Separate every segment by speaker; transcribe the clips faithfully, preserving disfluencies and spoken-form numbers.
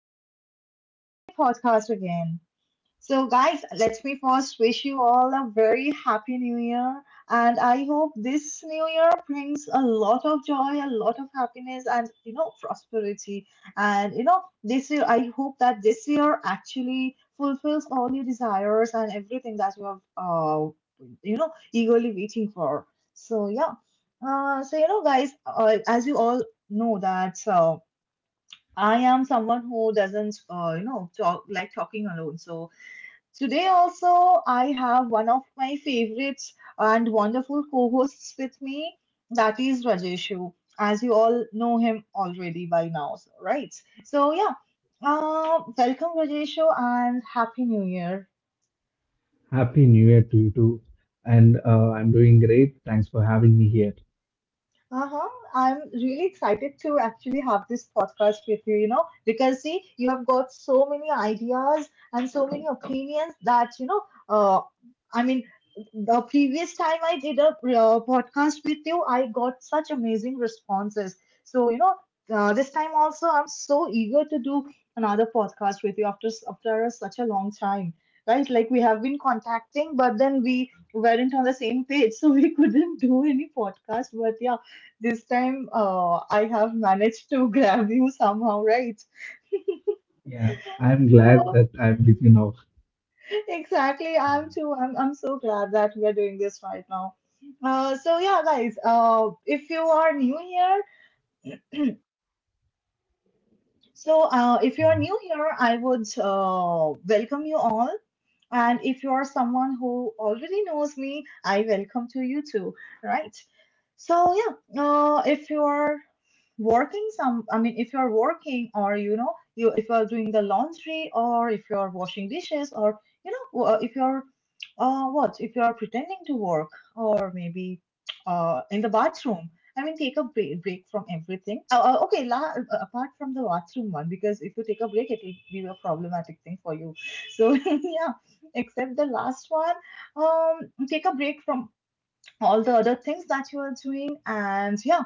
Speaker 1: and welcome back to my podcast again. So, guys, let me first wish you all a very happy new year. And I hope this new year brings a lot of joy, a lot of happiness, and you know, prosperity. And you know, this year, I hope that this year actually fulfills all your desires and everything that you have, uh, you know, eagerly waiting for. So, yeah. Uh, so, you know, guys, uh, as you all know, that. Uh, I am someone who doesn't, uh, you know, talk like talking alone. So today also, I have one of my favorites and wonderful co-hosts with me. That is Rajeshu, as you all know him already by now, so, right? So yeah, uh, welcome, Rajeshu, and happy new year.
Speaker 2: Happy New Year to you too. And uh, I'm doing great. Thanks for having me here.
Speaker 1: Uh-huh. I'm really excited to actually have this podcast with you, you know, because see, you have got so many ideas and so many opinions that, you know, uh, I mean, the previous time I did a uh, podcast with you, I got such amazing responses. So, you know, uh, this time also, I'm so eager to do another podcast with you after s- after such a long time, right? Like we have been contacting, but then we weren't on the same page, so we couldn't do any podcast. But yeah, this time, uh, I have managed to grab you somehow, right?
Speaker 2: Yeah, I'm glad
Speaker 1: So,
Speaker 2: that I'm with you now.
Speaker 1: exactly. I'm too. I'm, I'm so glad that we are doing this right now. Uh, so yeah, guys. Uh, if you are new here, so uh, if you are
Speaker 2: Mhm.
Speaker 1: new here, I would uh, welcome you all. And if you are someone who already knows me, I welcome to you too, right? So yeah, uh, if you are working some, I mean, if you are working or you know, you if you are doing the laundry, or if you are washing dishes, or you know, uh, if you are uh, what if you are pretending to work, or maybe uh, in the bathroom. I mean, take a break, break from everything. Uh, uh, okay, la- uh, uh, apart from the bathroom one, because if you take a break, it will be a problematic thing for you. So yeah, except the last one, um, take a break from all the other things that you are doing. And yeah,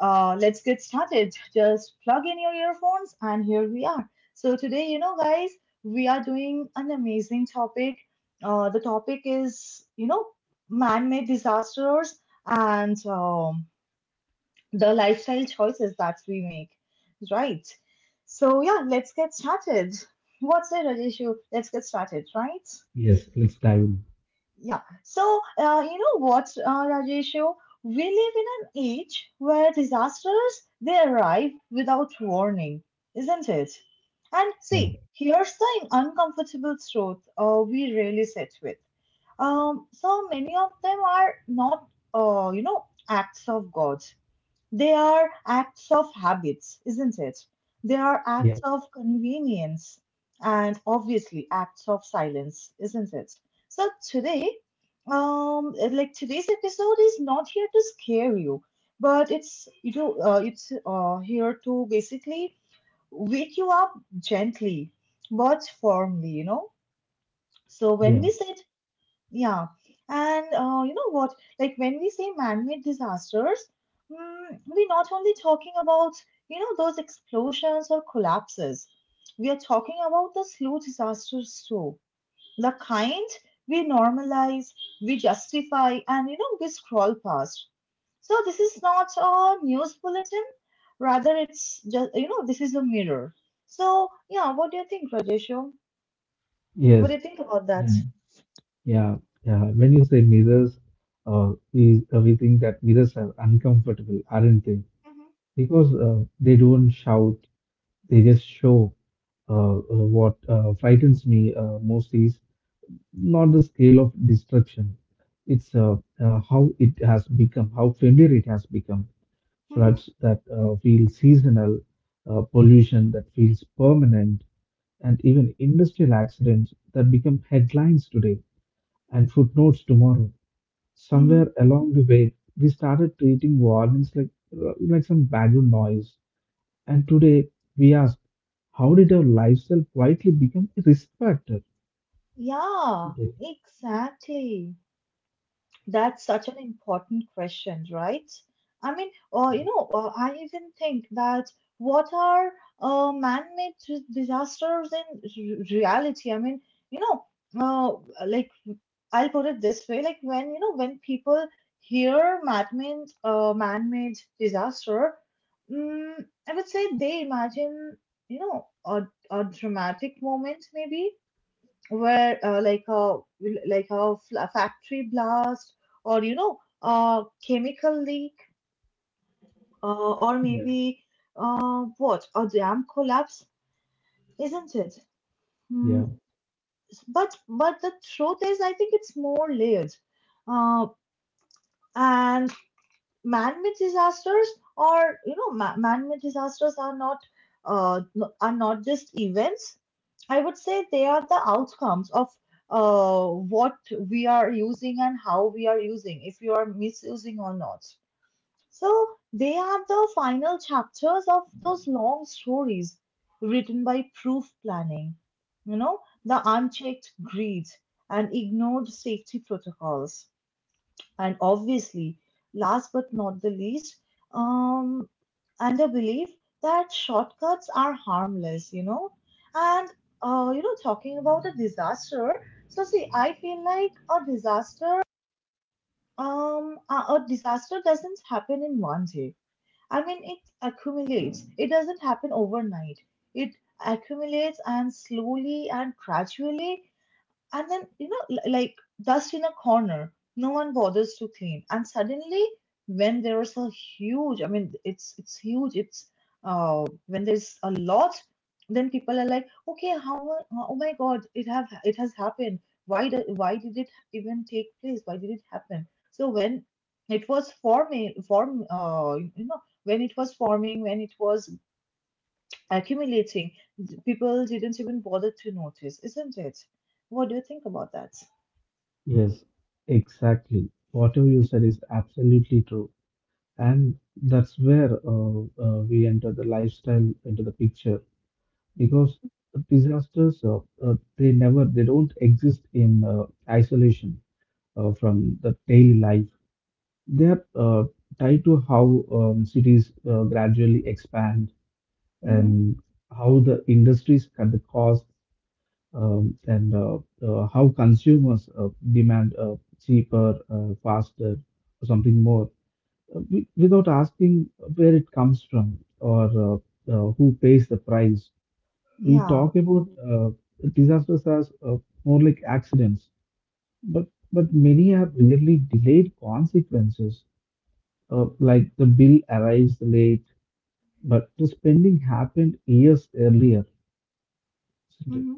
Speaker 1: uh, let's get started. Just plug in your earphones, and here we are. So, today, you know, guys, we are doing an amazing topic. Uh, the topic is, you know, man made disasters and um, the lifestyle choices that we make, right? So, yeah, let's get started. What's it, Rajeshu? Let's get started, right?
Speaker 2: Yes, let's dive in.
Speaker 1: Yeah. So, uh, you know what, uh, Rajeshu? We live in an age where disasters they arrive without warning, isn't it? And
Speaker 2: Yeah,
Speaker 1: see, here's the uncomfortable truth uh, we really sit with. Um, so many of them are not, uh, you know, acts of God. They are acts of habits, isn't it? They are
Speaker 2: yeah,
Speaker 1: acts of convenience, and obviously acts of silence, isn't it? So today, um, like today's episode is not here to scare you, but it's you know uh, it's uh, here to basically wake you up gently but firmly, you know. So when
Speaker 2: yeah,
Speaker 1: we said yeah, and uh, you know what? Like when we say man-made disasters, mm, we're not only talking about, you know, those explosions or collapses. We are talking about the slow disasters too. The kind we normalize, we justify, and, you know, we scroll past. So this is not a news bulletin. Rather, it's just, you know, this is a mirror. So, yeah, what do you think, Rajeshu? What do
Speaker 2: yes.
Speaker 1: you think about that?
Speaker 2: And yeah, yeah. When you say mirrors, uh, we, uh, we think that mirrors are uncomfortable, aren't they? Because uh, they don't shout, they just show. Uh, uh, what uh, frightens me uh, most is not the scale of destruction. It's uh, uh, how it has become, how familiar it has become.
Speaker 1: Mhm.
Speaker 2: Floods that uh, feel seasonal, uh, pollution that feels permanent, and even industrial accidents that become headlines today and footnotes tomorrow.
Speaker 1: Mm-hmm.
Speaker 2: Somewhere along the way, we started treating warnings like uh, like some background noise. And today, we ask, how did our lifestyle quietly become a risk factor?
Speaker 1: Yeah,
Speaker 2: Yeah.
Speaker 1: exactly. That's such an important question, right? I mean, uh, you know, uh, I even think that what are uh, man-made dis- disasters in r- reality? I mean, you know, uh, like I'll put it this way, like when you know when people hear man-made uh, man-made disaster, mm, I would say they imagine, you know, a, a dramatic moment maybe where uh, like a like a, fl- a factory blast, or you know, a chemical leak, uh, or
Speaker 2: Yeah.
Speaker 1: maybe uh, what a dam collapse, isn't it? Hmm,
Speaker 2: Yeah.
Speaker 1: but but the truth is, I think it's more layered, uh, and man-made disasters, or you know, ma- man-made disasters are not uh, no- are not just events. I would say they are the outcomes of uh, what we are using and how we are using, if you are misusing or not. So they are the final chapters of those long stories written by proof planning, you know, the unchecked greed, and ignored safety protocols, and obviously, last but not the least, um, and a belief that shortcuts are harmless, you know. And, uh, you know, talking about a disaster, so see, I feel like a disaster, um, a, a disaster doesn't happen in one day. I mean, it accumulates, it doesn't happen overnight. It accumulates and slowly and gradually, and then, you know, l- like dust in a corner, no one bothers to clean. And suddenly, when there is a huge, I mean, it's it's huge. It's uh, when there's a lot, then people are like, okay, how? a- Oh my God, it have it has happened. Why did why did it even take place? Why did it happen? So when it was forming, form, uh, you know, when it was forming, when it was accumulating, people didn't even bother to notice, isn't it? What do you think about that?
Speaker 2: Yes, exactly. Whatever you said is absolutely true. And that's where uh, uh, we enter the lifestyle into the picture because disasters, uh, uh, they never, they don't exist in uh, isolation uh, from the daily life. They are uh, tied to how um, cities uh, gradually expand
Speaker 1: Mm-hmm.
Speaker 2: and how the industries cut the costs, um, and uh, uh, how consumers uh, demand uh, cheaper, uh, faster, or something more, uh, wi- without asking where it comes from, or uh, uh, who pays the price. We
Speaker 1: Yeah.
Speaker 2: talk about uh, disasters as uh, more like accidents, but but
Speaker 1: Mm-hmm.
Speaker 2: many are really delayed consequences. Uh, like the bill arrives late, but the spending happened years earlier, isn't it?
Speaker 1: Mm-hmm.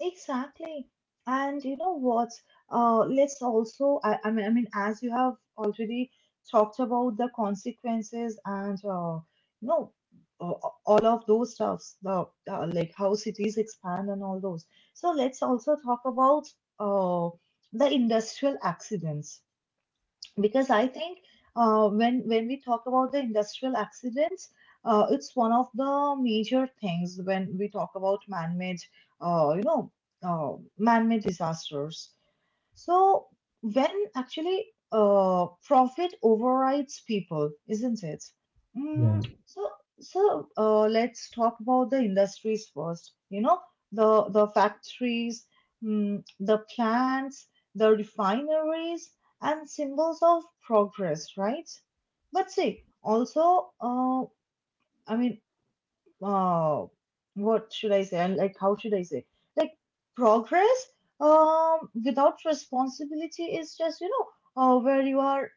Speaker 1: Exactly. And you know what? Uh, let's also, I, I mean, I mean, as you have already talked about the consequences and, uh, you know, uh, uh, all of those stuffs, the, uh, like how cities expand and all those. So let's also talk about uh, the industrial accidents, because I think uh, when when we talk about the industrial accidents, uh, it's one of the major things when we talk about man-made, uh, you know, uh, man-made disasters, so when actually uh, profit overrides people, isn't it?
Speaker 2: Yeah.
Speaker 1: Mm, so so uh, let's talk about the industries first. You know, the the factories, mm, the plants, the refineries, and symbols of progress, right? But see, also, uh, I mean, oh, what should I say? And like, how should I say? Like, progress um, without responsibility is just, you know, uh, where you are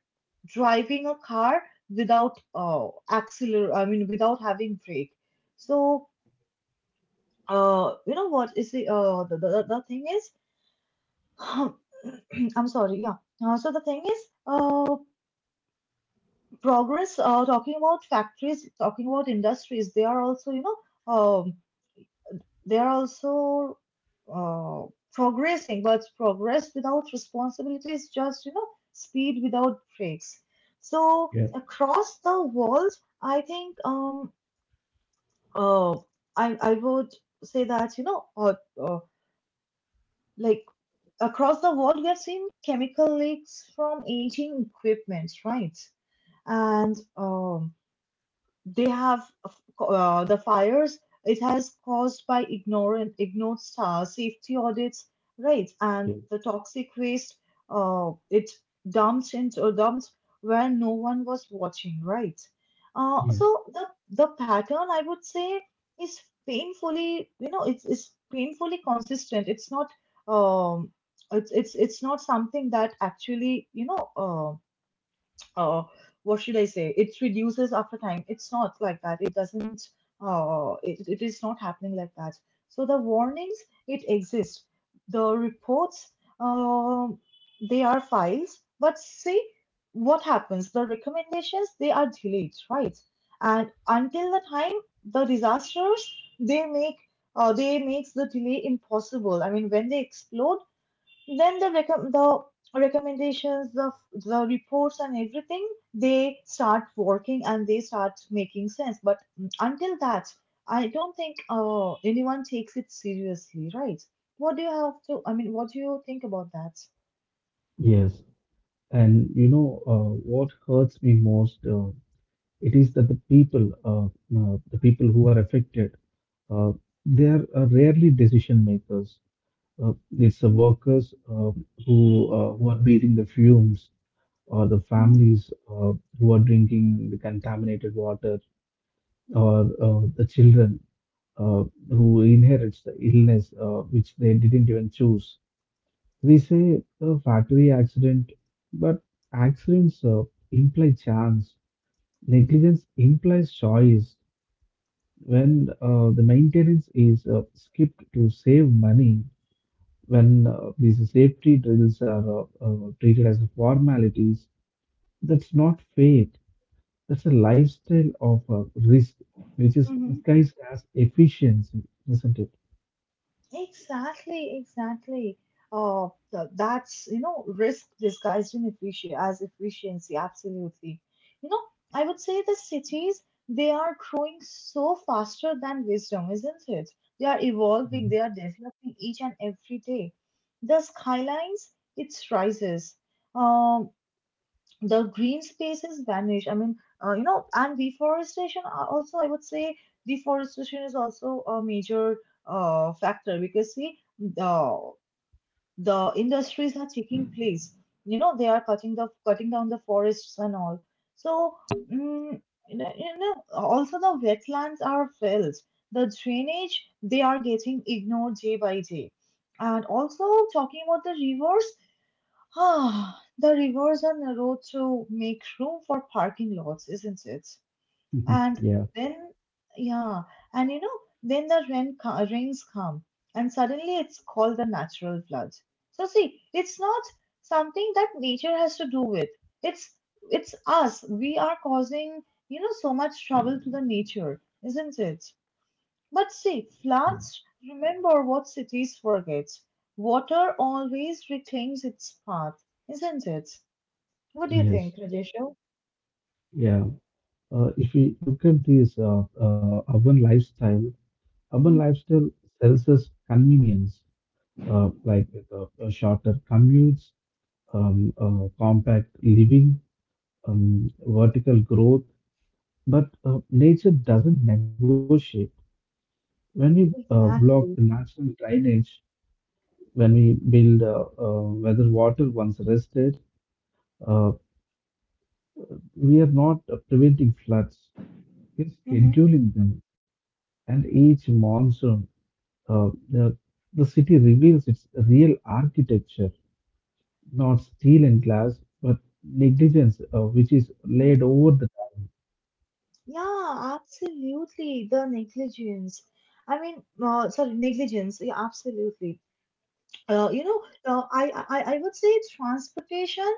Speaker 1: driving a car without uh, acceler, I mean, without having brake. So, uh, you know what is the, uh, the, the, the thing is, I'm sorry, yeah. Uh, so the thing is, uh, progress, uh, talking about factories, talking about industries, they are also, you know, um, They are also uh, progressing, but progress without responsibility is just, you know, speed without brakes. So
Speaker 2: Yes.
Speaker 1: across the world, I think um uh I I would say that, you know, uh, uh, like across the world, we have seen chemical leaks from aging equipment, right? And um they have uh, the fires, it has caused by ignorant ignored star safety audits, right, and
Speaker 2: Yes.
Speaker 1: the toxic waste, uh, it dumped into dumped where no one was watching, right? Uh, so
Speaker 2: Yes.
Speaker 1: the the pattern, I would say, is painfully, you know, it's, it's painfully consistent. It's not, um it's it's it's not something that actually, you know, uh, uh, what should I say? It reduces after time. It's not like that. It doesn't. Uh, it, it is not happening like that. So the warnings, it exists. The reports, um, they are files, but see what happens. The recommendations, they are delayed, right? And until the time the disasters they make, uh, they makes the delay impossible. I mean, when they explode, then the recom- the recommendations, the the reports and everything, they start working and they start making sense. But until that, I don't think uh, anyone takes it seriously, right? what do you have to I mean, what do you think about that?
Speaker 2: Yes. And you know, uh, what hurts me most? Uh, it is that the people, uh, uh, the people who are affected, uh, they are uh, rarely decision makers. Uh, it's the workers, uh, who uh, who are breathing the fumes, or the
Speaker 1: Mhm,
Speaker 2: families uh, who are drinking the contaminated water, or uh, the children uh, who inherits the illness, uh, which they didn't even choose. We say a factory accident, but accidents uh, imply chance. Negligence implies choice. When uh, the maintenance is uh, skipped to save money, when uh, these safety drills are uh, uh, treated as formalities, that's not fate. That's a lifestyle of uh, risk, which is
Speaker 1: mhm.
Speaker 2: disguised as efficiency, isn't it?
Speaker 1: Exactly, exactly. Uh, th- that's, you know, risk disguised in efficiency as efficiency, absolutely. You know, I would say the cities, they are growing so faster than wisdom, isn't it? They are evolving, they
Speaker 2: Mhm.
Speaker 1: are developing each and every day. The skylines, it rises. Um, the green spaces vanish. I mean, uh, you know, and deforestation are also, I would say, deforestation is also a major uh, factor, because see, the the industries are taking place. You know, they are cutting the cutting down the forests and all. So, mm, you know, you know, also the wetlands are filled. The drainage, they are getting ignored day by day. And also talking about the rivers, ah, the rivers are the to make room for parking lots, isn't it? And
Speaker 2: Yeah.
Speaker 1: then, yeah, and you know, then the rain co- rains come, and suddenly it's called the natural flood. So see, it's not something that nature has to do with. It's it's us. We are causing, you know, so much trouble to the nature, isn't it? But see,
Speaker 2: Yeah.
Speaker 1: floods remember what cities forget. Water always reclaims its path, isn't it? What do you
Speaker 2: Yes.
Speaker 1: think, Rajesho?
Speaker 2: Yeah. Uh, if we look at this uh, uh, urban lifestyle, urban
Speaker 1: Mhm.
Speaker 2: lifestyle sells us convenience, uh, like uh, uh, shorter commutes, um, uh, compact living, um, vertical growth. But uh, nature doesn't negotiate. When we uh, block the
Speaker 1: Exactly.
Speaker 2: natural drainage, when we build uh, uh, whether water once rested, uh, we are not uh, preventing floods. We're
Speaker 1: Hmm.
Speaker 2: scheduling them. And each monsoon, Uh, uh, the city reveals its real architecture, not steel and glass, but negligence, uh, which is
Speaker 1: Hmm.
Speaker 2: laid over the
Speaker 1: Yeah, absolutely. The negligence. I mean, uh, sorry, negligence. Yeah, absolutely. Uh, you know, uh, I, I I would say transportation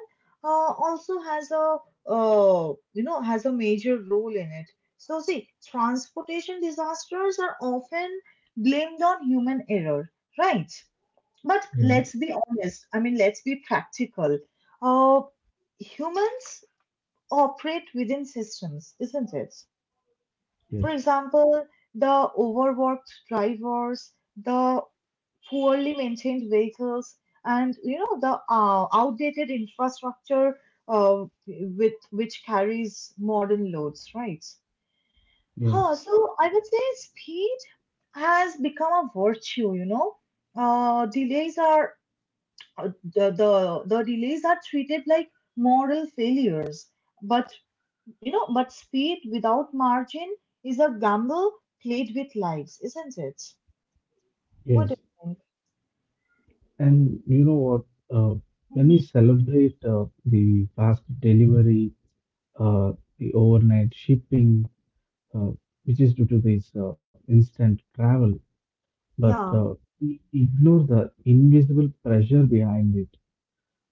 Speaker 1: uh, also has a uh, you know has a major role in it. So see, transportation disasters are often blamed on human error, right? But
Speaker 2: Yeah.
Speaker 1: let's be honest. I mean, let's be practical. Uh, humans operate within systems, isn't it? For
Speaker 2: Yes.
Speaker 1: example, the overworked drivers, the poorly maintained vehicles, and you know the uh, outdated infrastructure uh, with which carries modern loads, right? Huh,
Speaker 2: Yes.
Speaker 1: so I would say speed has become a virtue, you know. Uh, delays are uh, the, the the delays are treated like moral failures, but you know, but speed without margin is a gamble played with lives, isn't it? What
Speaker 2: Yes.
Speaker 1: do you think?
Speaker 2: And you know what? Uh, when
Speaker 1: Mhm.
Speaker 2: we celebrate uh, the fast delivery, uh, the overnight shipping, uh, which is due to this uh, instant travel, but
Speaker 1: Yeah,
Speaker 2: uh, we ignore the invisible pressure behind it,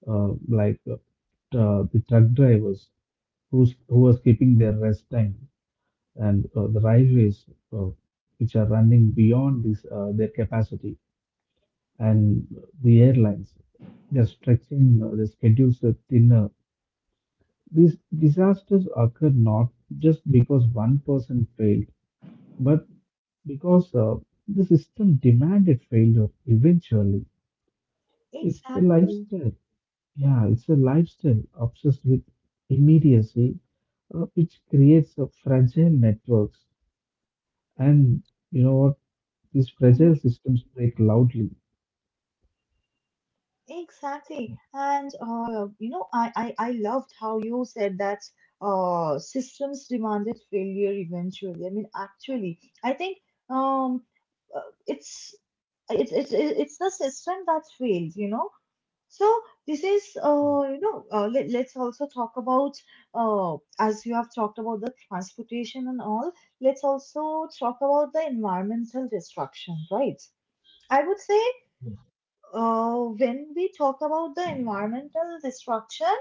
Speaker 2: uh, like uh, the truck drivers, who's, who was keeping their rest time, and uh, the railways, uh, which are running beyond this, uh, their capacity, and the airlines, they're stretching, uh, the schedules are thinner. These disasters occur not just because one person failed, but because uh, the system demanded failure eventually. It's the
Speaker 1: exactly.
Speaker 2: lifestyle. Yeah, it's a lifestyle obsessed with immediacy, uh, which creates uh, fragile networks. And you know what? These fragile
Speaker 1: Mhm.
Speaker 2: systems break loudly.
Speaker 1: Exactly. And uh, you know, I, I I loved how you said that uh systems demanded failure eventually. I mean, actually, I think um uh, it's it's it's it- it's the system that failed, you know. So this is uh you know uh, let, let's also talk about, uh as you have talked about the transportation and all, let's also talk about the environmental destruction, right? I would say,
Speaker 2: Yes.
Speaker 1: Uh, when we talk about the environmental destruction,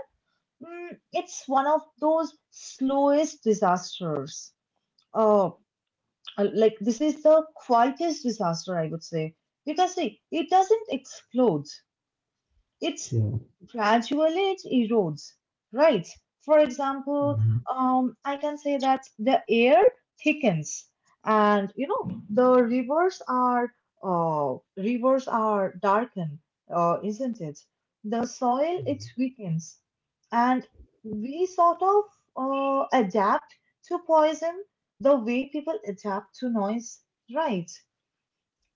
Speaker 1: mm, it's one of those slowest disasters. Uh, uh, like this is the quietest disaster, I would say, because see, it doesn't explode. It's
Speaker 2: Yeah.
Speaker 1: gradually, it erodes, right? For example,
Speaker 2: Hmm.
Speaker 1: um, I can say that the air thickens, and you know the rivers are uh, rivers are darkened, uh, isn't it? The soil, it
Speaker 2: Yes.
Speaker 1: weakens, and we sort of uh, adapt to poison the way people adapt to noise, right?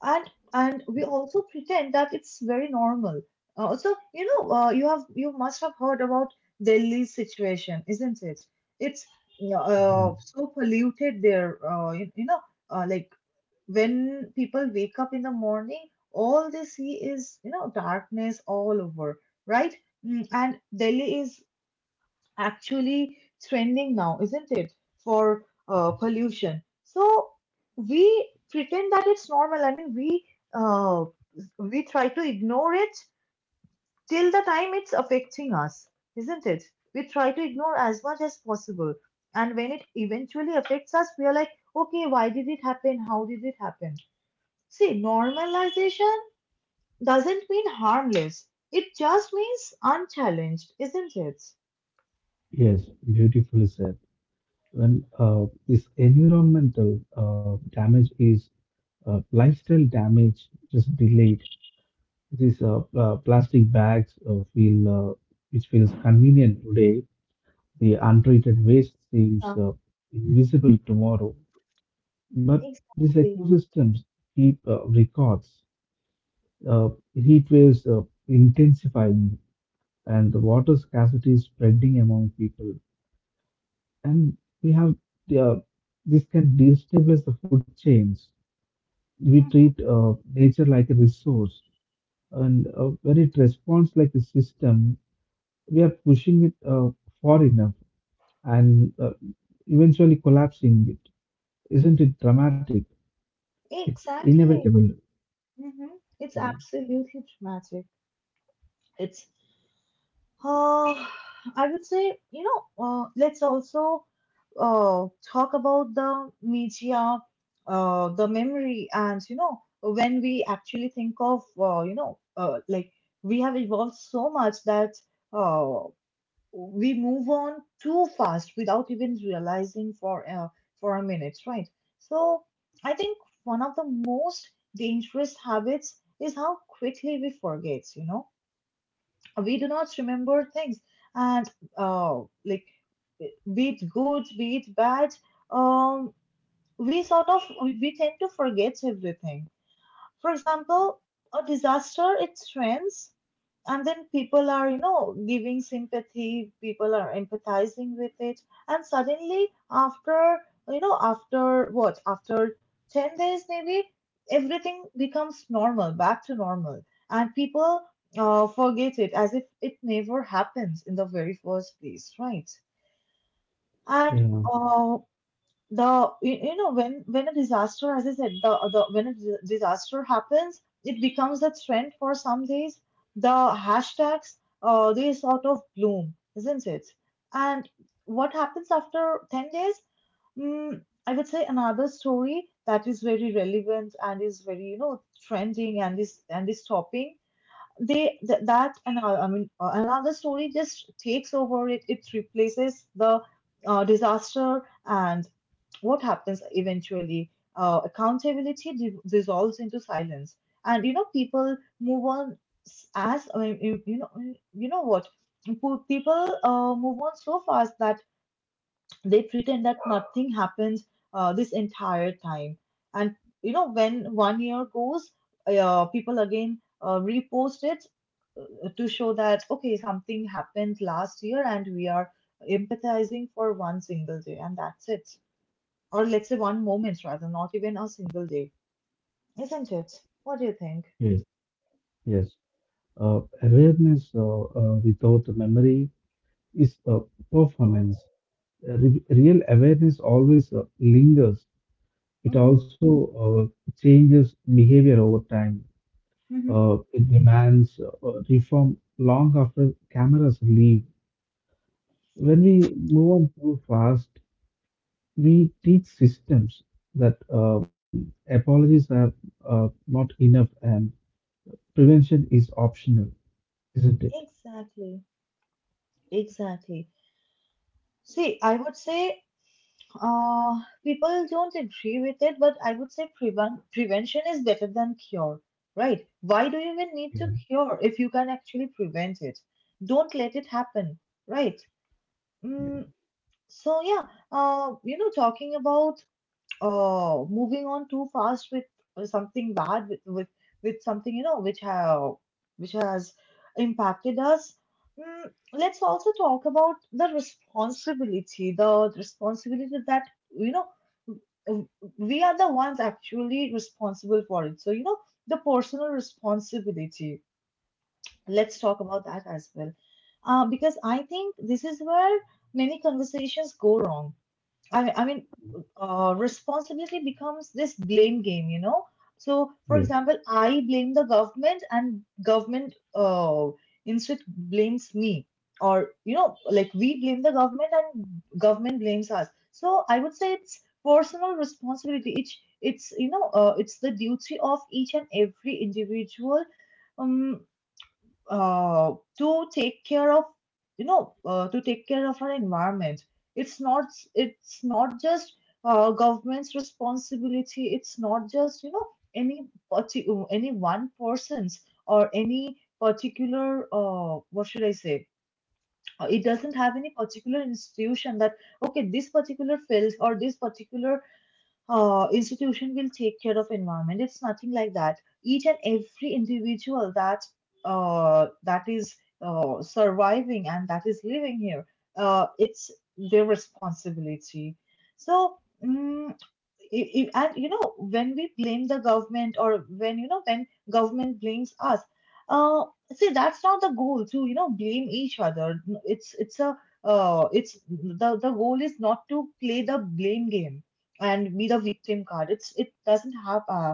Speaker 1: and and we also pretend that it's very normal. Uh, so you know, uh, you have, you must have heard about Delhi's situation, isn't it? It's, yeah,
Speaker 2: Yeah.
Speaker 1: uh, so polluted there. Uh, you, you know, uh, like when people wake up in the morning, all they see is you know darkness all over, right? Mm. And Delhi is actually trending now, isn't it? For uh,
Speaker 2: Yes.
Speaker 1: pollution. So we pretend that it's normal. I mean, we uh, we try to ignore it till the time it's affecting us, isn't it? We try to ignore as much as possible, and when it eventually affects us, we are like, okay, why did it happen? How did it happen? See, normalization doesn't mean harmless. It just means unchallenged, isn't it?
Speaker 2: Yes, beautifully said. When uh, this environmental uh, damage is uh, lifestyle damage, just delayed. These uh, uh, plastic bags, uh, feel, uh, which feels convenient today. The untreated waste seems
Speaker 1: Yeah,
Speaker 2: uh, invisible tomorrow. But these
Speaker 1: exactly.
Speaker 2: ecosystems keep uh, records. Uh, Heat waves uh, intensifying, and the water scarcity is spreading among people. And we have uh, this can destabilize the food chains. We treat uh, nature like a resource, and uh, when it responds like a system, we are pushing it uh, far enough, and uh, eventually collapsing it. Isn't it dramatic? It's
Speaker 1: Exactly.
Speaker 2: inevitable.
Speaker 1: Hmm. It's
Speaker 2: Yeah.
Speaker 1: absolutely dramatic. It's, uh, I would say, you know, uh, let's also uh, talk about the media, uh, the memory, and, you know, when we actually think of, uh, you know, uh, like we have evolved so much that uh, we move on too fast without even realizing for a, for a minute, right? So I think one of the most dangerous habits is how quickly we forget, you know? We do not remember things and uh, like, be it good, be it bad, um, we sort of, we tend to forget everything. For example, a disaster, it trends, and then people are, you know, giving sympathy, people are empathizing with it, and suddenly, after, you know, after what, after ten days maybe, everything becomes normal, back to normal, and people uh, forget it as if it never happened in the very first place, right? And
Speaker 2: Yeah.
Speaker 1: uh, the you, you know, when when a disaster, as I said, the, the when a dis- disaster happens, it becomes a trend for some days. The hashtags, uh, they sort of bloom, isn't it? And what happens after ten days? mm, I would say another story that is very relevant and is very you know trending and is and is topping. They th- that and all- I mean, uh, another story just takes over it. It replaces the uh, disaster, and what happens eventually? Uh, accountability di- dissolves into silence, and you know people move on. S- as I mean, you, you know, you know what? Po- people uh, move on so fast that they pretend that nothing happened uh, this entire time, and you know when one year goes, uh, people again uh, repost it uh, to show that okay something happened last year and we are empathizing for one single day and that's it, or let's say one moment rather, not even a single day, isn't it? What do you think?
Speaker 2: Yes. Yes. Uh, awareness uh, uh, without memory is uh, performance. Uh, re- real awareness always uh, lingers. It
Speaker 1: Mm-hmm.
Speaker 2: also uh, changes behavior over time.
Speaker 1: Mm-hmm.
Speaker 2: Uh, it demands uh, uh, reform long after cameras leave. When we move on too fast, we teach systems that um, apologies are uh, not enough, and prevention is optional, isn't it?
Speaker 1: Exactly. Exactly. See, I would say, Uh, people don't agree with it, but I would say prevent prevention is better than cure, right? Why do you even need to
Speaker 2: Yeah,
Speaker 1: cure if you can actually prevent it? Don't let it happen, right?
Speaker 2: yeah,
Speaker 1: Mm. So yeah, uh, you know, talking about uh moving on too fast with uh, something bad with with, with something you know which have which has impacted us. mm, let's also talk about the responsibility, the responsibility that you know, w- we are the ones actually responsible for it, so you know, the personal responsibility, let's talk about that as well, uh, because I think this is where many conversations go wrong. I mean, I mean, uh, responsibility becomes this blame game, you know. So, for
Speaker 2: yes,
Speaker 1: example, I blame the government, and government uh, instead blames me, or you know, like we blame the government, and government blames us. So, I would say it's personal responsibility. It's it's You know, uh, it's the duty of each and every individual. Um, uh, to take care of, you know, uh, to take care of our environment. it's not it's not just uh, government's responsibility, it's not just you know any parti- any one person's, or any particular uh, what should I say. Uh, it doesn't have any particular institution that okay this particular field or this particular uh, institution will take care of environment. It's nothing like that. Each and every individual that uh, that is uh, surviving and that is living here, uh, it's their responsibility. So, mm, i- i- and you know, when we blame the government or when you know when government blames us, uh, see, that's not the goal, to you know blame each other. It's it's a uh, it's the the goal is not to play the blame game and be the victim card. It's it doesn't have uh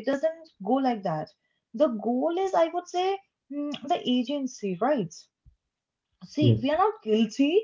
Speaker 1: it doesn't go like that. The goal is, I would say, mm, the agency, right? See, we are
Speaker 2: yes,
Speaker 1: not guilty.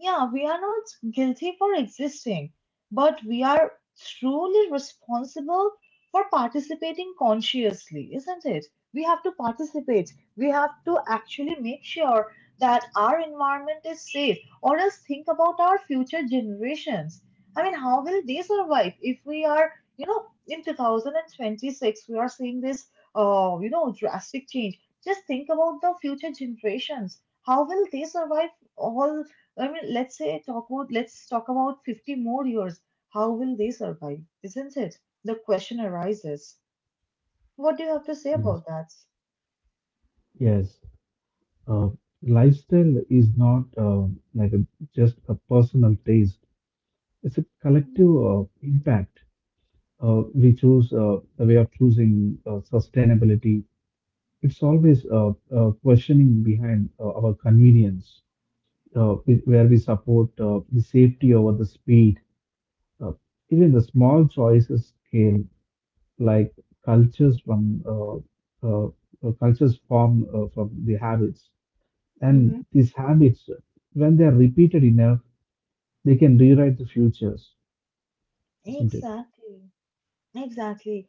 Speaker 1: Yeah, we are not guilty for existing, but we are truly responsible for participating consciously, isn't it? We have to participate. We have to actually make sure that our environment is safe, or else think about our future generations. I mean, how will they survive if we are, you know, in twenty twenty-six, we are seeing this, uh, you know, drastic change. Just think about the future generations, how will they survive, all I mean, let's say talk about let's talk about fifty more years, how will they survive, isn't it? The question arises. What do you have to say
Speaker 2: yes.
Speaker 1: about that?
Speaker 2: Yes. uh, Lifestyle is not uh, like a, just a personal taste. It's a
Speaker 1: Mhm.
Speaker 2: collective uh, impact. Uh, we choose uh, the way of choosing uh, sustainability. It's always uh, uh, questioning behind uh, our convenience, uh, wh- where we support uh, the safety over the speed. Uh, Even the small choices scale, like cultures from uh, uh, uh, cultures form uh, from the habits. And
Speaker 1: Mhm.
Speaker 2: these habits, when they are repeated enough, they can rewrite the futures, isn't it?
Speaker 1: Exactly. Exactly.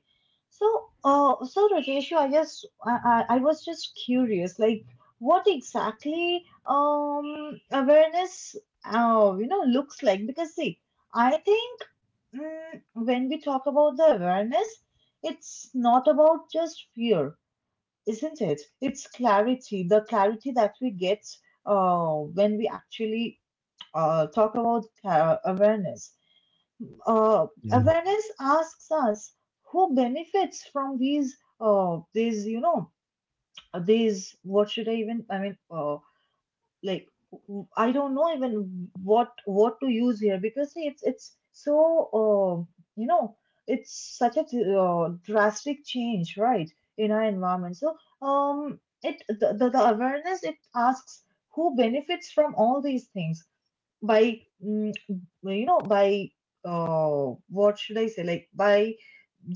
Speaker 1: So, uh, so Rajeshu, I just, I, I I was just curious, like, what exactly, um, awareness, uh, you know, looks like? Because see, I think, mm, when we talk about the awareness, it's not about just fear, isn't it? It's clarity, the clarity that we get, uh, when we actually, uh, talk about uh, awareness uh,
Speaker 2: Yeah,
Speaker 1: awareness asks us who benefits from these uh, these you know these what should I even I mean uh, like w- I don't know even what what to use here because see, it's it's so uh, you know it's such a uh, drastic change right, in our environment. So um it the, the, the awareness, it asks who benefits from all these things by mm, you know by uh, what should I say, like by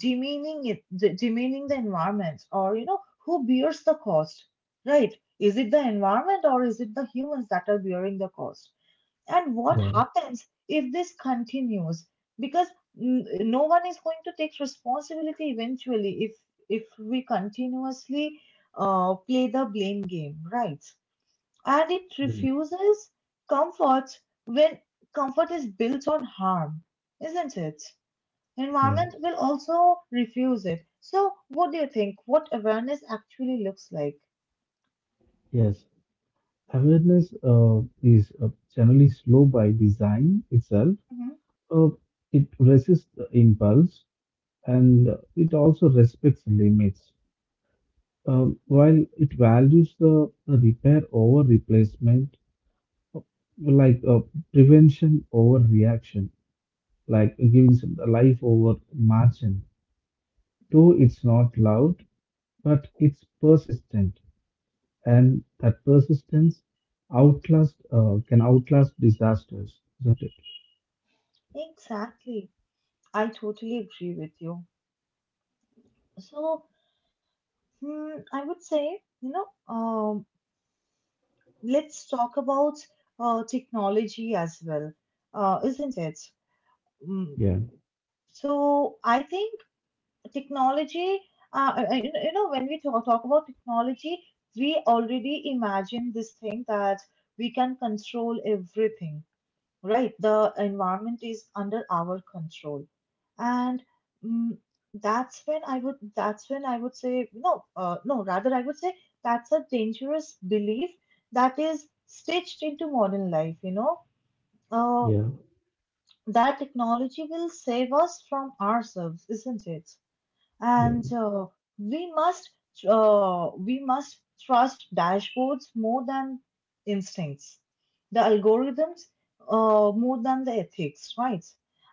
Speaker 1: demeaning it de- demeaning the environment, or you know who bears the cost, right? Is it the environment or is it the humans that are bearing the cost, and what
Speaker 2: yeah,
Speaker 1: happens if this continues? Because mm, no one is going to take responsibility eventually if if we continuously uh, play the blame game, right? And it
Speaker 2: yes,
Speaker 1: refuses comfort when comfort is built on harm, isn't it?
Speaker 2: yeah,
Speaker 1: Environment will also refuse it. So, what do you think? What awareness actually looks like?
Speaker 2: yes, awareness uh, is uh, generally slow by design itself.
Speaker 1: Mhm.
Speaker 2: Uh, it resists the impulse, and uh, it also respects limits. Uh, while it values the repair over replacement, like uh, prevention over reaction, like giving some life over margin. Though it's not loud, but it's persistent, and that persistence outlast uh, can outlast disasters, isn't it?
Speaker 1: Exactly. I totally agree with you. So, hmm, I would say, you know, um, let's talk about uh, technology as well, uh, isn't it? Mm.
Speaker 2: Yeah,
Speaker 1: So, I think technology, uh, uh, uh, you know, you know, when we talk, talk about technology, we already imagine this thing that we can control everything, right? The environment is under our control. And mm, that's when I would, that's when I would say, no, uh, no, rather I would say that's a dangerous belief that is stitched into modern life, you know? Uh,
Speaker 2: yeah,
Speaker 1: that technology will save us from ourselves, isn't it?
Speaker 2: yeah,
Speaker 1: and uh, we must uh, we must trust dashboards more than instincts, the algorithms uh, more than the ethics, right?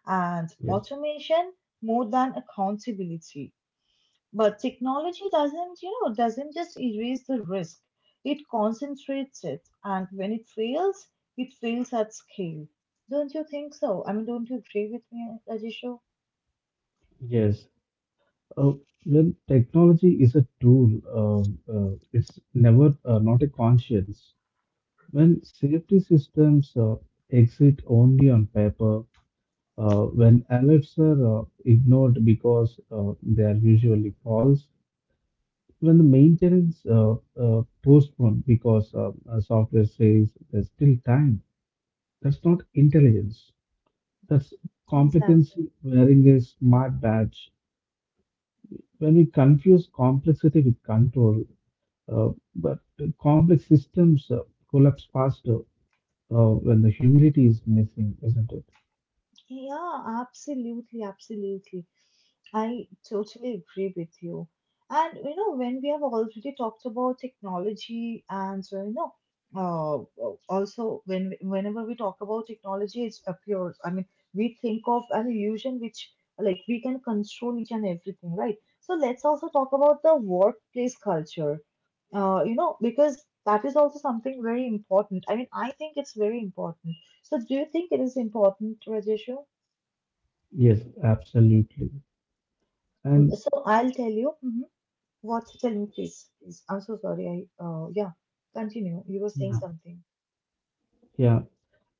Speaker 1: And
Speaker 2: yes,
Speaker 1: automation more than accountability. But technology doesn't, you know doesn't just erase the risk, it concentrates it, and when it fails, it fails at scale. Don't you think so? I mean don't you agree with me, Ajisho?
Speaker 2: yes. Uh, well, technology is a tool. Uh, uh, it's never uh, not a conscience. When safety systems uh, exist only on paper, uh, when alerts are uh, ignored because uh, they are usually false, when the maintenance uh, uh, postponed because uh, uh, software says there's still time, that's not intelligence. That's
Speaker 1: Exactly.
Speaker 2: complicacy wearing a smart badge. When we confuse complexity with control, uh, but complex systems uh, collapse faster uh, when the humility is missing, isn't it?
Speaker 1: Yeah, absolutely, absolutely. I totally agree with you. And you know, when we have already talked about technology, and uh, you know, uh, uh, also when whenever we talk about technology, it appears. I mean, we think of an illusion, which, like, we can control each and everything, right? So let's also talk about the workplace culture. Uh, you know, because that is also something very important. I mean, I think it's very important. So, do you think it is important, Rajeshu?
Speaker 2: Yes, absolutely.
Speaker 1: Mm,
Speaker 2: And
Speaker 1: So I'll tell you. Mhm. What? You tell me, please. Please. I'm so sorry. I uh Yeah. Continue. You were saying
Speaker 2: yeah,
Speaker 1: something.
Speaker 2: yeah,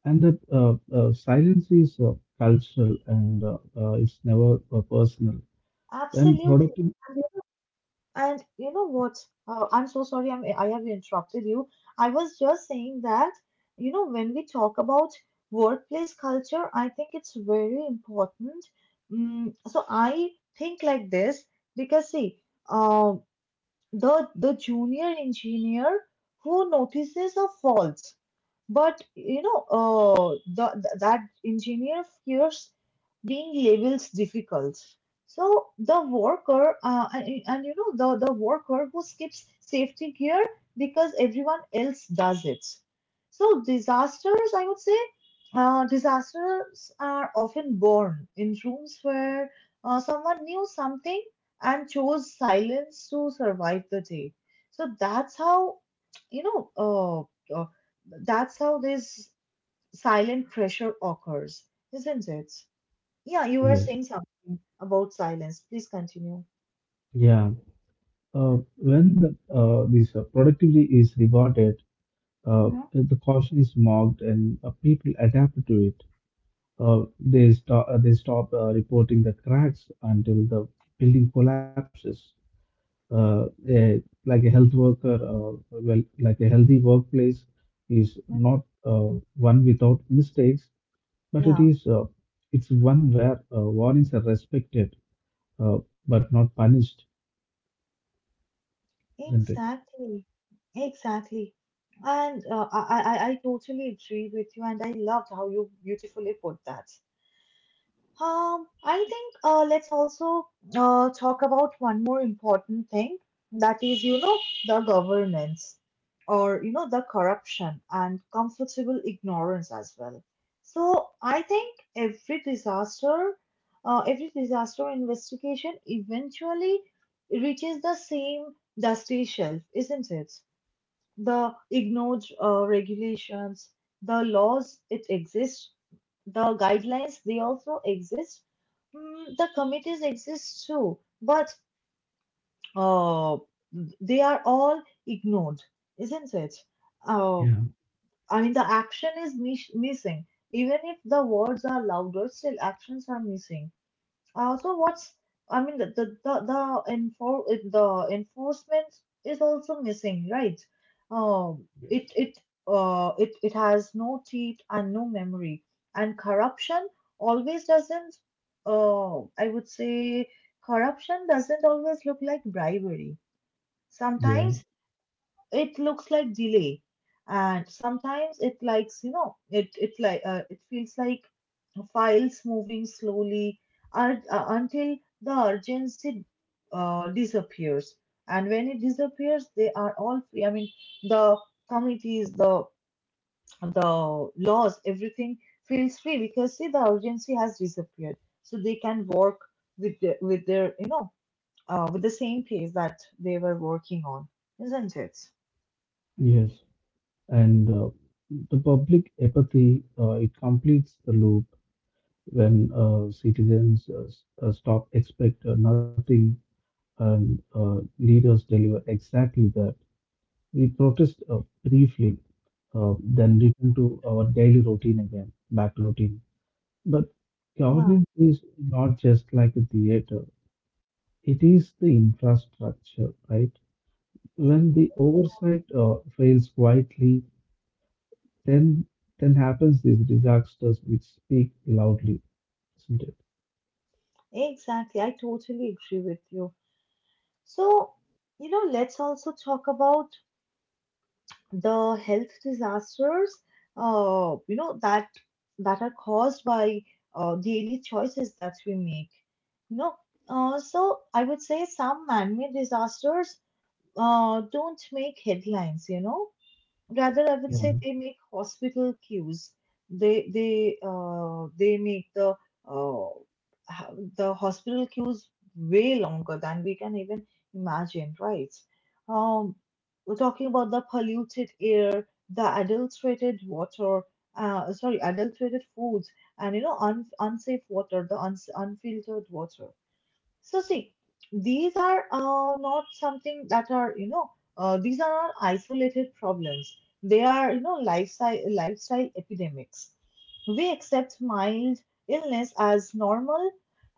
Speaker 2: and the uh, uh, silence is uh, cultural, and uh, uh, it's never uh, personal. When
Speaker 1: Absolutely.
Speaker 2: productive,
Speaker 1: And you and you know what? Uh, I'm so sorry. I'm, I have interrupted you. I was just saying that, you know, when we talk about workplace culture, I think it's very important. Mm, so I think like this, because see, uh, the the junior engineer who notices a fault. But you know, uh, the, the- that engineer fears being labeled difficult. So the worker, uh, and, and you know, the, the worker who skips safety gear because everyone else does it. So disasters, I would say, uh, disasters are often born in rooms where uh, someone knew something and chose silence to survive the day. So that's how, you know, uh, uh, that's how this silent pressure occurs, isn't it? Yeah, you were
Speaker 2: yes,
Speaker 1: saying something about silence. Please continue.
Speaker 2: yeah, uh, when the uh, this uh, productivity is rewarded, uh,
Speaker 1: Mhm.
Speaker 2: the caution is marked, and uh, people adapt to it. Uh, they stop uh, they stop uh, reporting the cracks until the building collapses. Uh, a, like a health worker, uh, Well, like a healthy workplace is
Speaker 1: Mm.
Speaker 2: not uh, one without mistakes, but it
Speaker 1: Yeah,
Speaker 2: is uh, it's one where uh, warnings are respected uh, but not punished, isn't it?
Speaker 1: exactly. Exactly. And uh, I, I, I I totally agree with you, and I loved how you beautifully put that. Um, I think, uh, let's also uh, talk about one more important thing, that is, you know, the governance or, you know, the corruption and comfortable ignorance as well. So I think every disaster, uh, every disaster investigation eventually reaches the same dusty shelf, isn't it? The ignored uh, regulations, the laws it exists, the guidelines they also exist. Mm, the committees exist too, but uh, they are all ignored, isn't it? Uh,
Speaker 2: Yeah,
Speaker 1: I mean, the action is mis- missing. Even if the words are louder, still actions are missing. Uh, so what's, I mean, the the the, the enfor eh, the enforcement is also missing, right? Um,
Speaker 2: yes,
Speaker 1: it it uh it it has no teeth and no memory, and corruption always doesn't. Uh, I would say corruption doesn't always look like bribery.
Speaker 2: yeah,
Speaker 1: Sometimes it looks like delay, and sometimes it likes, you know, it it like uh, it feels like files moving slowly, ur- uh, until the urgency uh, disappears. And when it disappears, they are all free. I mean, the committees, the the laws, everything feels free, because see, the urgency has disappeared. So they can work with the, with their, you know, uh, with the same pace that they were working on, isn't it?
Speaker 2: yes. And uh, the public apathy, uh, it completes the loop when uh, citizens uh, s- uh, stop expect uh, nothing, and uh, leaders deliver exactly that. We protest uh, briefly, uh, then return to our daily routine again, back to routine. But
Speaker 1: Yeah.
Speaker 2: governance is not just like a theater. It is the infrastructure, right? When the oversight uh, fails quietly, Then then happens these disasters which speak loudly, isn't it?
Speaker 1: Exactly, I totally agree with you. So, you know, let's also talk about the health disasters, uh, you know, that that are caused by uh, daily choices that we make. You know, uh, so I would say some man-made disasters uh, don't make headlines, you know. Rather, I would say
Speaker 2: Yeah.
Speaker 1: they make hospital queues. They they uh, they make the uh, ho- the hospital queues way longer than we can even imagine, right? Um, we're talking about the polluted air, the adulterated water, uh, sorry, adulterated foods, and you know, un unsafe water, the uns unfiltered water. So see, these are, uh, not something that are, you know, uh, these are not isolated problems. They are, you know, lifestyle lifestyle epidemics. We accept mild illness as normal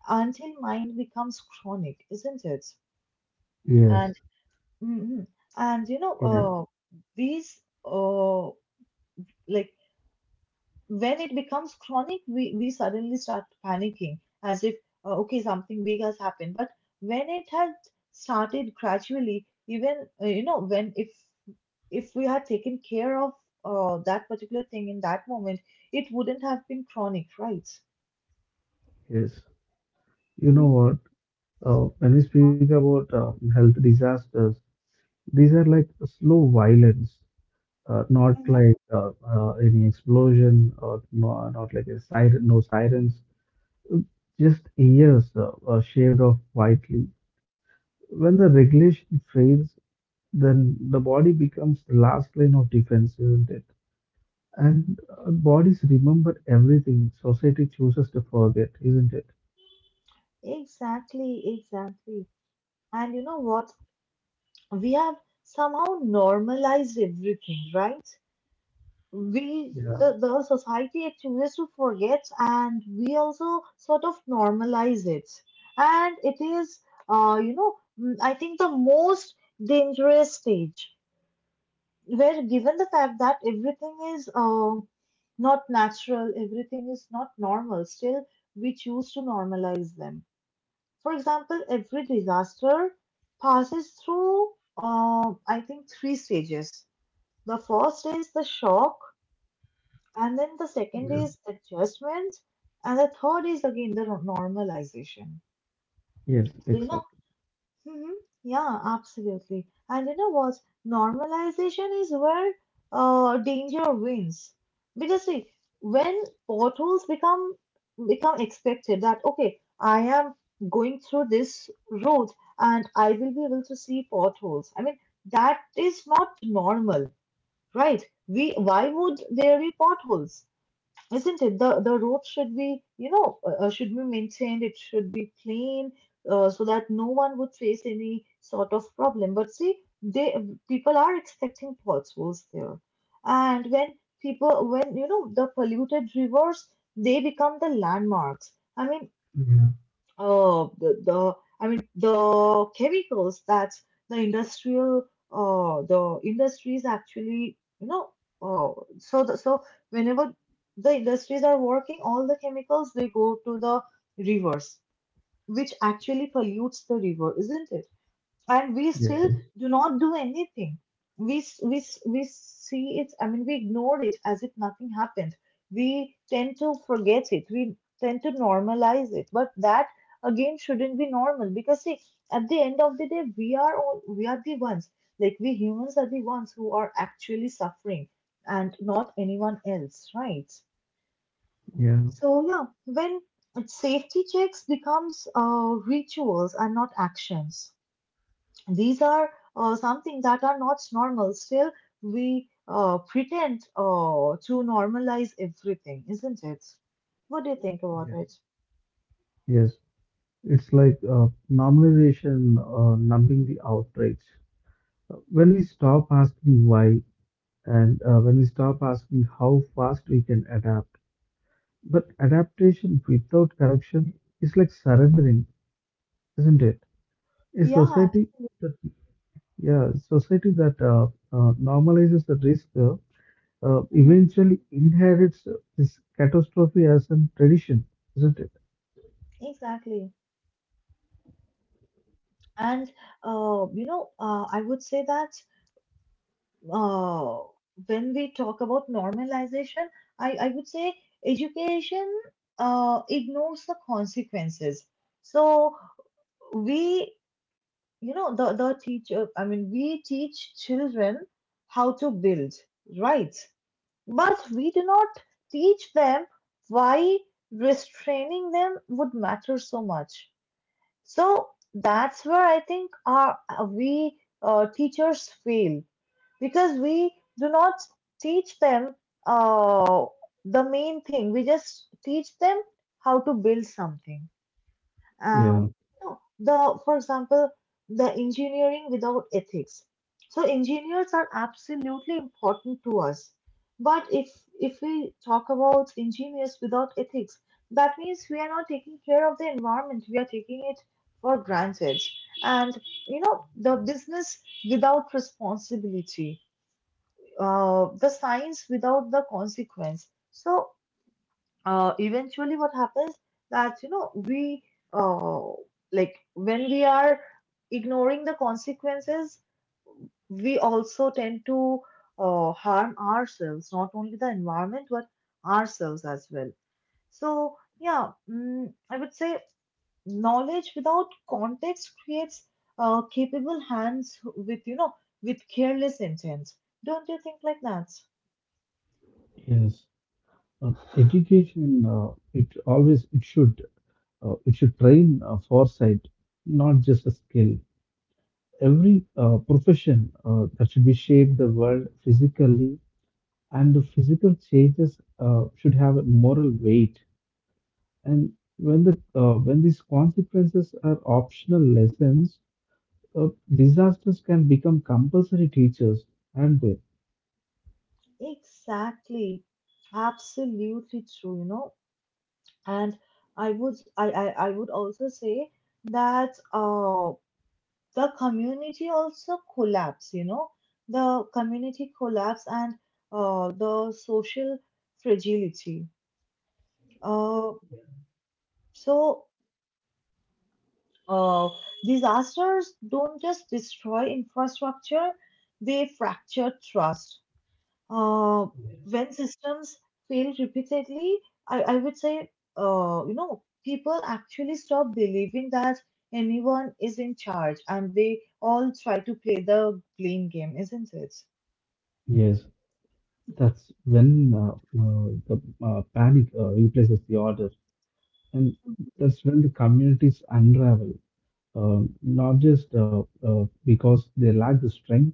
Speaker 1: until mind becomes chronic, isn't it?
Speaker 2: Yes.
Speaker 1: And hmm. And you know,
Speaker 2: Yeah.
Speaker 1: uh, these uh, like when it becomes chronic, we, we suddenly start panicking as if, uh, okay, something big has happened. But when it had started gradually, even, uh, you know, when if if we had taken care of uh, that particular thing in that moment, it wouldn't have been chronic, right?
Speaker 2: Yes. You know
Speaker 1: Hmm.
Speaker 2: what? Uh, when we speak about uh, health disasters, these are like slow violence, uh, not
Speaker 1: Hmm.
Speaker 2: like uh, uh, any explosion, or no, not like a siren, no sirens, uh, just years uh, uh, shaved off quietly. When the regulation fails, then the body becomes the last line of defense, isn't it? And uh, bodies remember everything society chooses to forget, isn't it?
Speaker 1: Exactly, exactly. And you know what? We have somehow normalized everything, right? We,
Speaker 2: Yeah,
Speaker 1: the, the society actually to forget, and we also sort of normalize it. And it is, uh, you know, mm, I think the most dangerous stage, where given the fact that everything is, uh, not natural, everything is not normal, still we choose to normalize them. For example, every disaster passes through, uh, I think, three stages. The first is the shock, and then the second
Speaker 2: yeah,
Speaker 1: is adjustments, and the third is again the, no, normalization.
Speaker 2: yes,
Speaker 1: So, you know,
Speaker 2: exactly.
Speaker 1: hmm, yeah, absolutely. And you know what? Normalization is where uh, danger wins. Because see, when potholes become become expected that, okay, I am going through this road and I will be able to see potholes. I mean, that is not normal, right? We, why would there be potholes? Isn't it? The the road should be, you know, uh, uh, should be maintained. It should be clean, uh, so that no one would face any sort of problem. But see, they people are expecting potholes there. And when people, when, you know, the polluted rivers, they become the landmarks. I mean,
Speaker 2: Yeah,
Speaker 1: uh, the, the I mean, the chemicals that the industrial, uh the industries actually, you know, uh, so the, so whenever the industries are working, all the chemicals they go to the rivers, which actually pollutes the river, isn't it? And we still
Speaker 2: yes,
Speaker 1: do not do anything. We s- we s- we see it. I mean, we ignore it as if nothing happened. We tend to forget it. We tend to normalize it. But that again shouldn't be normal, because see, at the end of the day, we are all we are the ones. Like we humans are the ones who are actually suffering, and not anyone else, right?
Speaker 2: yeah,
Speaker 1: So yeah, when safety checks becomes uh, rituals and not actions, these are, uh, something that are not normal. Still, we uh, pretend uh, to normalize everything, isn't it? What do you think about
Speaker 2: yes,
Speaker 1: it?
Speaker 2: yes. It's like uh, normalization uh, numbing the outrage. When we stop asking why, and uh, when we stop asking how fast we can adapt. But adaptation without correction is like surrendering, isn't it? A
Speaker 1: Yeah, abs-
Speaker 2: society that- Yeah, society that uh, uh, normalizes the risk, uh, uh,
Speaker 1: mhm,
Speaker 2: eventually inherits uh, this catastrophe as a tradition, isn't it?
Speaker 1: exactly. And uh, you know, uh, I would say that, uh, when we talk about normalization, I, I would say education uh, ignores the consequences. So we, you know, the the teacher, I mean, we teach children how to build, right? But we do not teach them why restraining them would matter so much. So that's where I think our, we, uh, teachers fail, because we do not teach them, uh, the main thing, we just teach them how to build something.
Speaker 2: Yeah,
Speaker 1: um, no, the, for example, the engineering without ethics. So engineers are absolutely important to us, but if if we talk about engineers without ethics, that means we are not taking care of the environment. We are taking it for granted. And you know, the business without responsibility, uh, the science without the consequence. So uh, eventually what happens, that you know, we, uh, like when we are ignoring the consequences, we also tend to uh, harm ourselves, not only the environment but ourselves as well. So yeah, mm, I would say knowledge without context creates uh, capable hands with, you know, with careless intent. Don't you think like that?
Speaker 2: yes. Uh, Education, uh, it always it should uh, it should train uh, foresight, not just a skill. Every uh, profession uh, that should be shape the world physically, and the physical changes uh, should have a moral weight. And when the uh, when these consequences are optional lessons, Uh, disasters can become compulsory teachers, aren't they?
Speaker 1: Exactly, absolutely true, you know. And I would, I, I, I would also say that, uh, the community also collapse, you know, the community collapse and uh, the social fragility. Uh, so uh, disasters don't just destroy infrastructure, they fracture trust. Uh, when systems fail repeatedly, I, I would say, uh, you know, people actually stop believing that anyone is in charge, and they all try to play the blame game, isn't it?
Speaker 2: Yes, that's when uh, uh, the uh, panic uh, replaces the order, and that's when the communities unravel. Uh, not just uh, uh, because they lack the strength,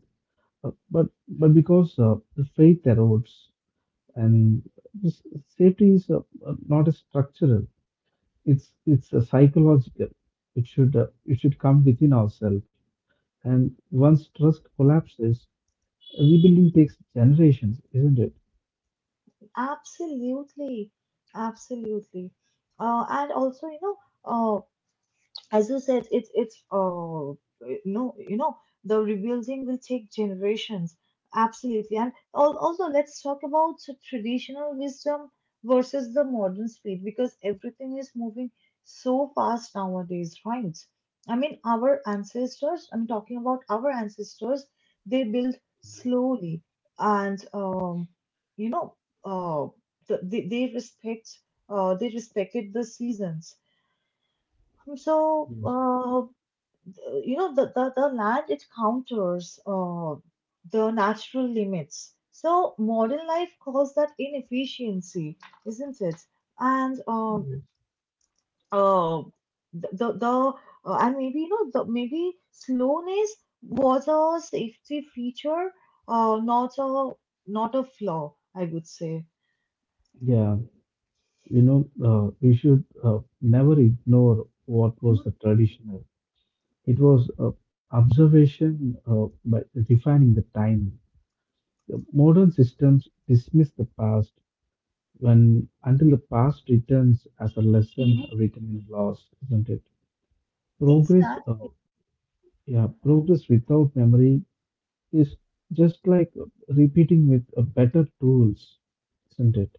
Speaker 2: uh, but but because uh, the faith erodes, and this safety is uh, uh, not a structural. It's it's a psychological. It should uh, it should come within ourselves. And once trust collapses, rebuilding takes generations, isn't it?
Speaker 1: Absolutely. Absolutely. Uh, and also, you know, uh, as you said, it's it's uh eh, no, you know, the rebuilding will take generations. Absolutely, and al- also let's talk about the traditional wisdom versus the modern speed, because everything is moving so fast nowadays, right? I mean, our ancestors. I'm talking about our ancestors. They built slowly, and um, you know, uh, the, they they respect, uh, they respected the seasons. So,
Speaker 2: Yes.
Speaker 1: uh, uh, you know, the, the, the land, it counters uh, the natural limits. So modern life calls that inefficiency, isn't it? and um
Speaker 2: Yes.
Speaker 1: uh, the the, the uh, and maybe, you know, the, maybe slowness was a safety feature, uh, not a, not a flaw, I would say.
Speaker 2: Yeah, you know, uh, we should uh, never ignore what
Speaker 1: Mhm.
Speaker 2: was the traditional. It was uh, observation uh, by refining the time. The modern systems dismiss the past when until the past returns as a lesson
Speaker 1: Mhm.
Speaker 2: written in loss, isn't it? Progress, uh,
Speaker 1: Exactly.
Speaker 2: yeah, progress without memory is just like repeating with uh, better tools, isn't it?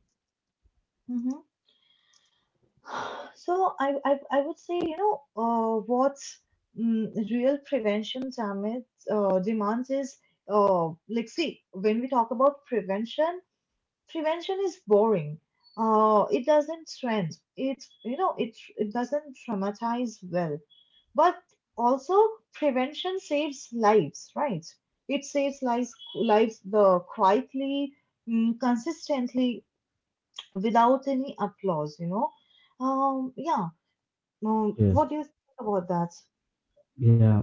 Speaker 1: So I, I, I would say, you know, uh, what's, mm, real prevention damage uh, demands is, uh, like, see, when we talk about prevention, prevention is boring. Uh, it doesn't trend. It, you know, it, it doesn't traumatize well. But also, prevention saves lives, right? It saves lives, lives the quietly, mm, consistently, without any applause, you know. Um, yeah. Um,
Speaker 2: Yes,
Speaker 1: what do you think about that?
Speaker 2: yeah.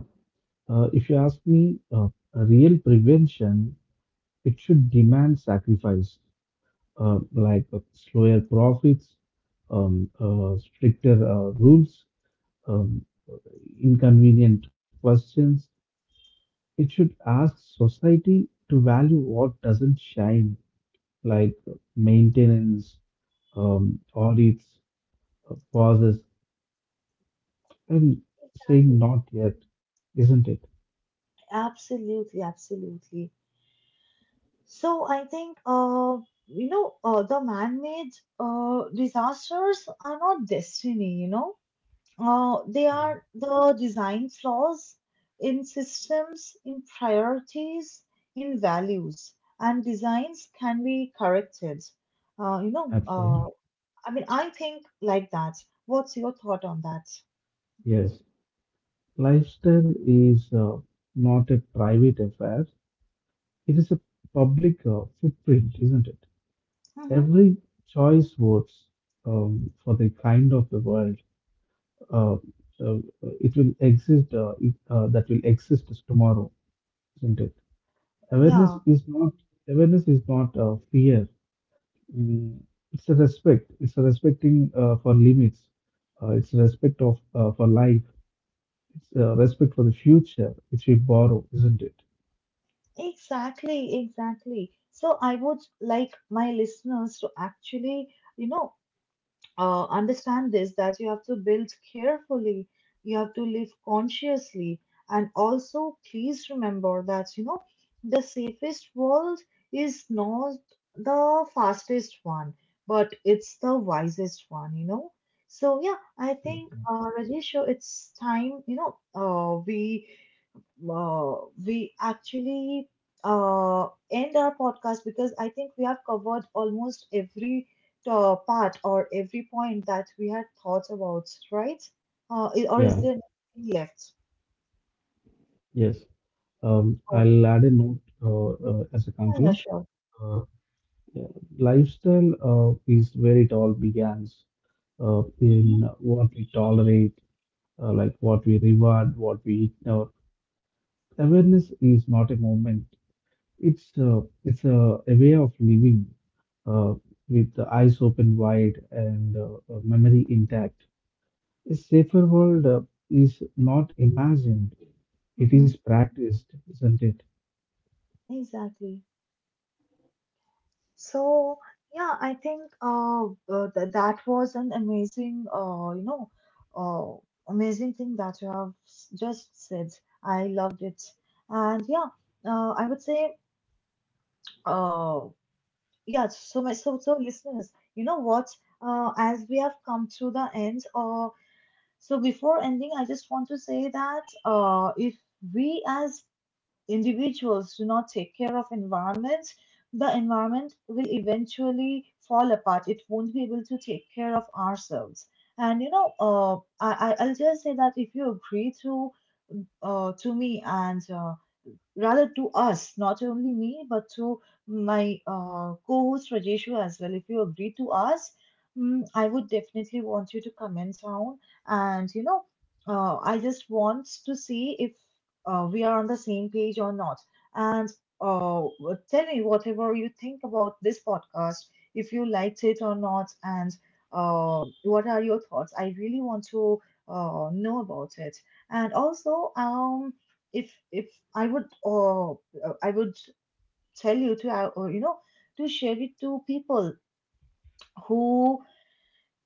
Speaker 2: Uh, if you ask me, uh, a real prevention, it should demand sacrifice, uh, like uh, slower profits, um, uh, stricter uh, rules, um, inconvenient questions. It should ask society to value what doesn't shine, like maintenance, um, audits, uh, pauses, and saying
Speaker 1: Exactly.
Speaker 2: not yet, isn't it?
Speaker 1: Absolutely, absolutely. So I think uh you know uh, the man-made uh disasters are not destiny, you know. Uh they
Speaker 2: Yeah.
Speaker 1: are the design flaws in systems, in priorities, in values, and designs can be corrected. Uh you know uh
Speaker 2: Absolutely.
Speaker 1: I mean I think like that. What's your thought on that?
Speaker 2: Yes. Lifestyle is uh, not a private affair. It is a public uh, footprint, isn't it?
Speaker 1: Mm-hmm.
Speaker 2: Every choice votes um, for the kind of the world uh, uh, it will exist uh, it, uh, that will exist tomorrow, isn't it? Awareness
Speaker 1: Yeah.
Speaker 2: is not Awareness is not uh, fear. Mm, it's a respect. It's a respecting uh, for limits. Uh, it's a respect of uh, for life. It's a respect for the future which we borrow, isn't it?
Speaker 1: Exactly, exactly. So I would like my listeners to actually, you know, uh, understand this that you have to build carefully, you have to live consciously, and also please remember that, you know, the safest world is not the fastest one, but it's the wisest one, you know. So yeah, I think, uh, Rajesh, so it's time, you know, uh, we uh, we actually uh, end our podcast because I think we have covered almost every uh, part or every point that we had thoughts about, right? Uh, i- or is there
Speaker 2: Yeah.
Speaker 1: anything left?
Speaker 2: Yes. Um,
Speaker 1: Oh,
Speaker 2: I'll add a note uh, uh, as a
Speaker 1: yeah, yeah,
Speaker 2: conclude.
Speaker 1: sure.
Speaker 2: Uh, yeah, lifestyle uh, is where it all begins uh,
Speaker 1: Hmm.
Speaker 2: in what we tolerate, uh, like what we reward, what we eat. Now, awareness is not a moment. It's a, it's a, a way of living uh, with the eyes open wide, and uh, uh, memory intact. A safer world uh, is not imagined. It
Speaker 1: Hmm.
Speaker 2: is practiced, isn't it?
Speaker 1: Exactly. So, yeah, I think uh, uh, th- that was an amazing, uh, you know, uh, amazing thing that you have s- just said. I loved it. And yeah, uh, I would say. Oh, yeah. So my so so listeners, you know what? Uh, as we have come to the end, uh, so before ending, I just want to say that uh, if we as individuals do not take care of environment, the environment will eventually fall apart. It won't be able to take care of ourselves. And you know, uh, I I- I'll just say that if you agree to uh, to me and uh, rather to us, not only me, but to my uh, co-host Rajeshu as well. If you agree to us, mm, I would definitely want you to comment down. And you know, uh, I just want to see if uh, we are on the same page or not. And uh, tell me whatever you think about this podcast, if you liked it or not, and uh, what are your thoughts? I really want to uh, know about it. And also, um, if if I would uh, uh, I would tell you to uh, uh, you know, to share it to people who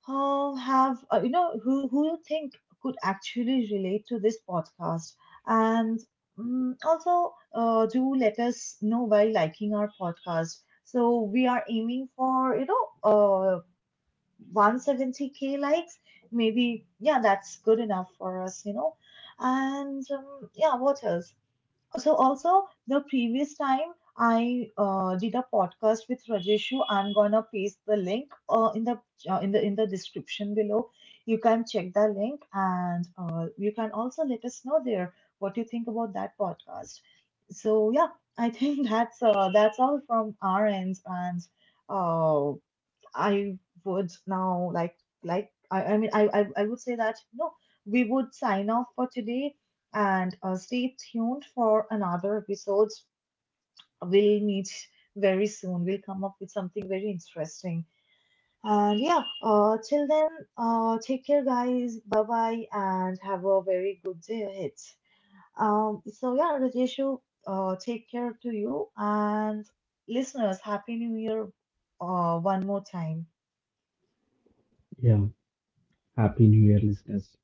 Speaker 1: uh, have uh, you know, who who you think could actually relate to this podcast and um, also uh, do let us know by liking our podcast, so we are aiming for, you know, uh one hundred seventy k likes, maybe. Yeah, that's good enough for us, you know. And um, yeah, what else? So also the previous time I uh, did a podcast with Rajeshu. I'm gonna paste the link uh, in the uh, in the in the description below. You can check the link and uh, you can also let us know there what you think about that podcast. So yeah, I think that's uh, that's all from our ends. And uh, I would now like like I, I mean I, I I would say that you know we would sign off for today and uh, stay tuned for another episodes. We'll meet very soon. We'll come up with something very interesting. And yeah, uh, till then, uh, take care, guys. Bye bye, and have a very good day ahead. Um, so yeah, Rajeshu, uh, take care to you and listeners. Happy New Year, uh, one more time.
Speaker 2: Yeah. Happy New Year, listeners.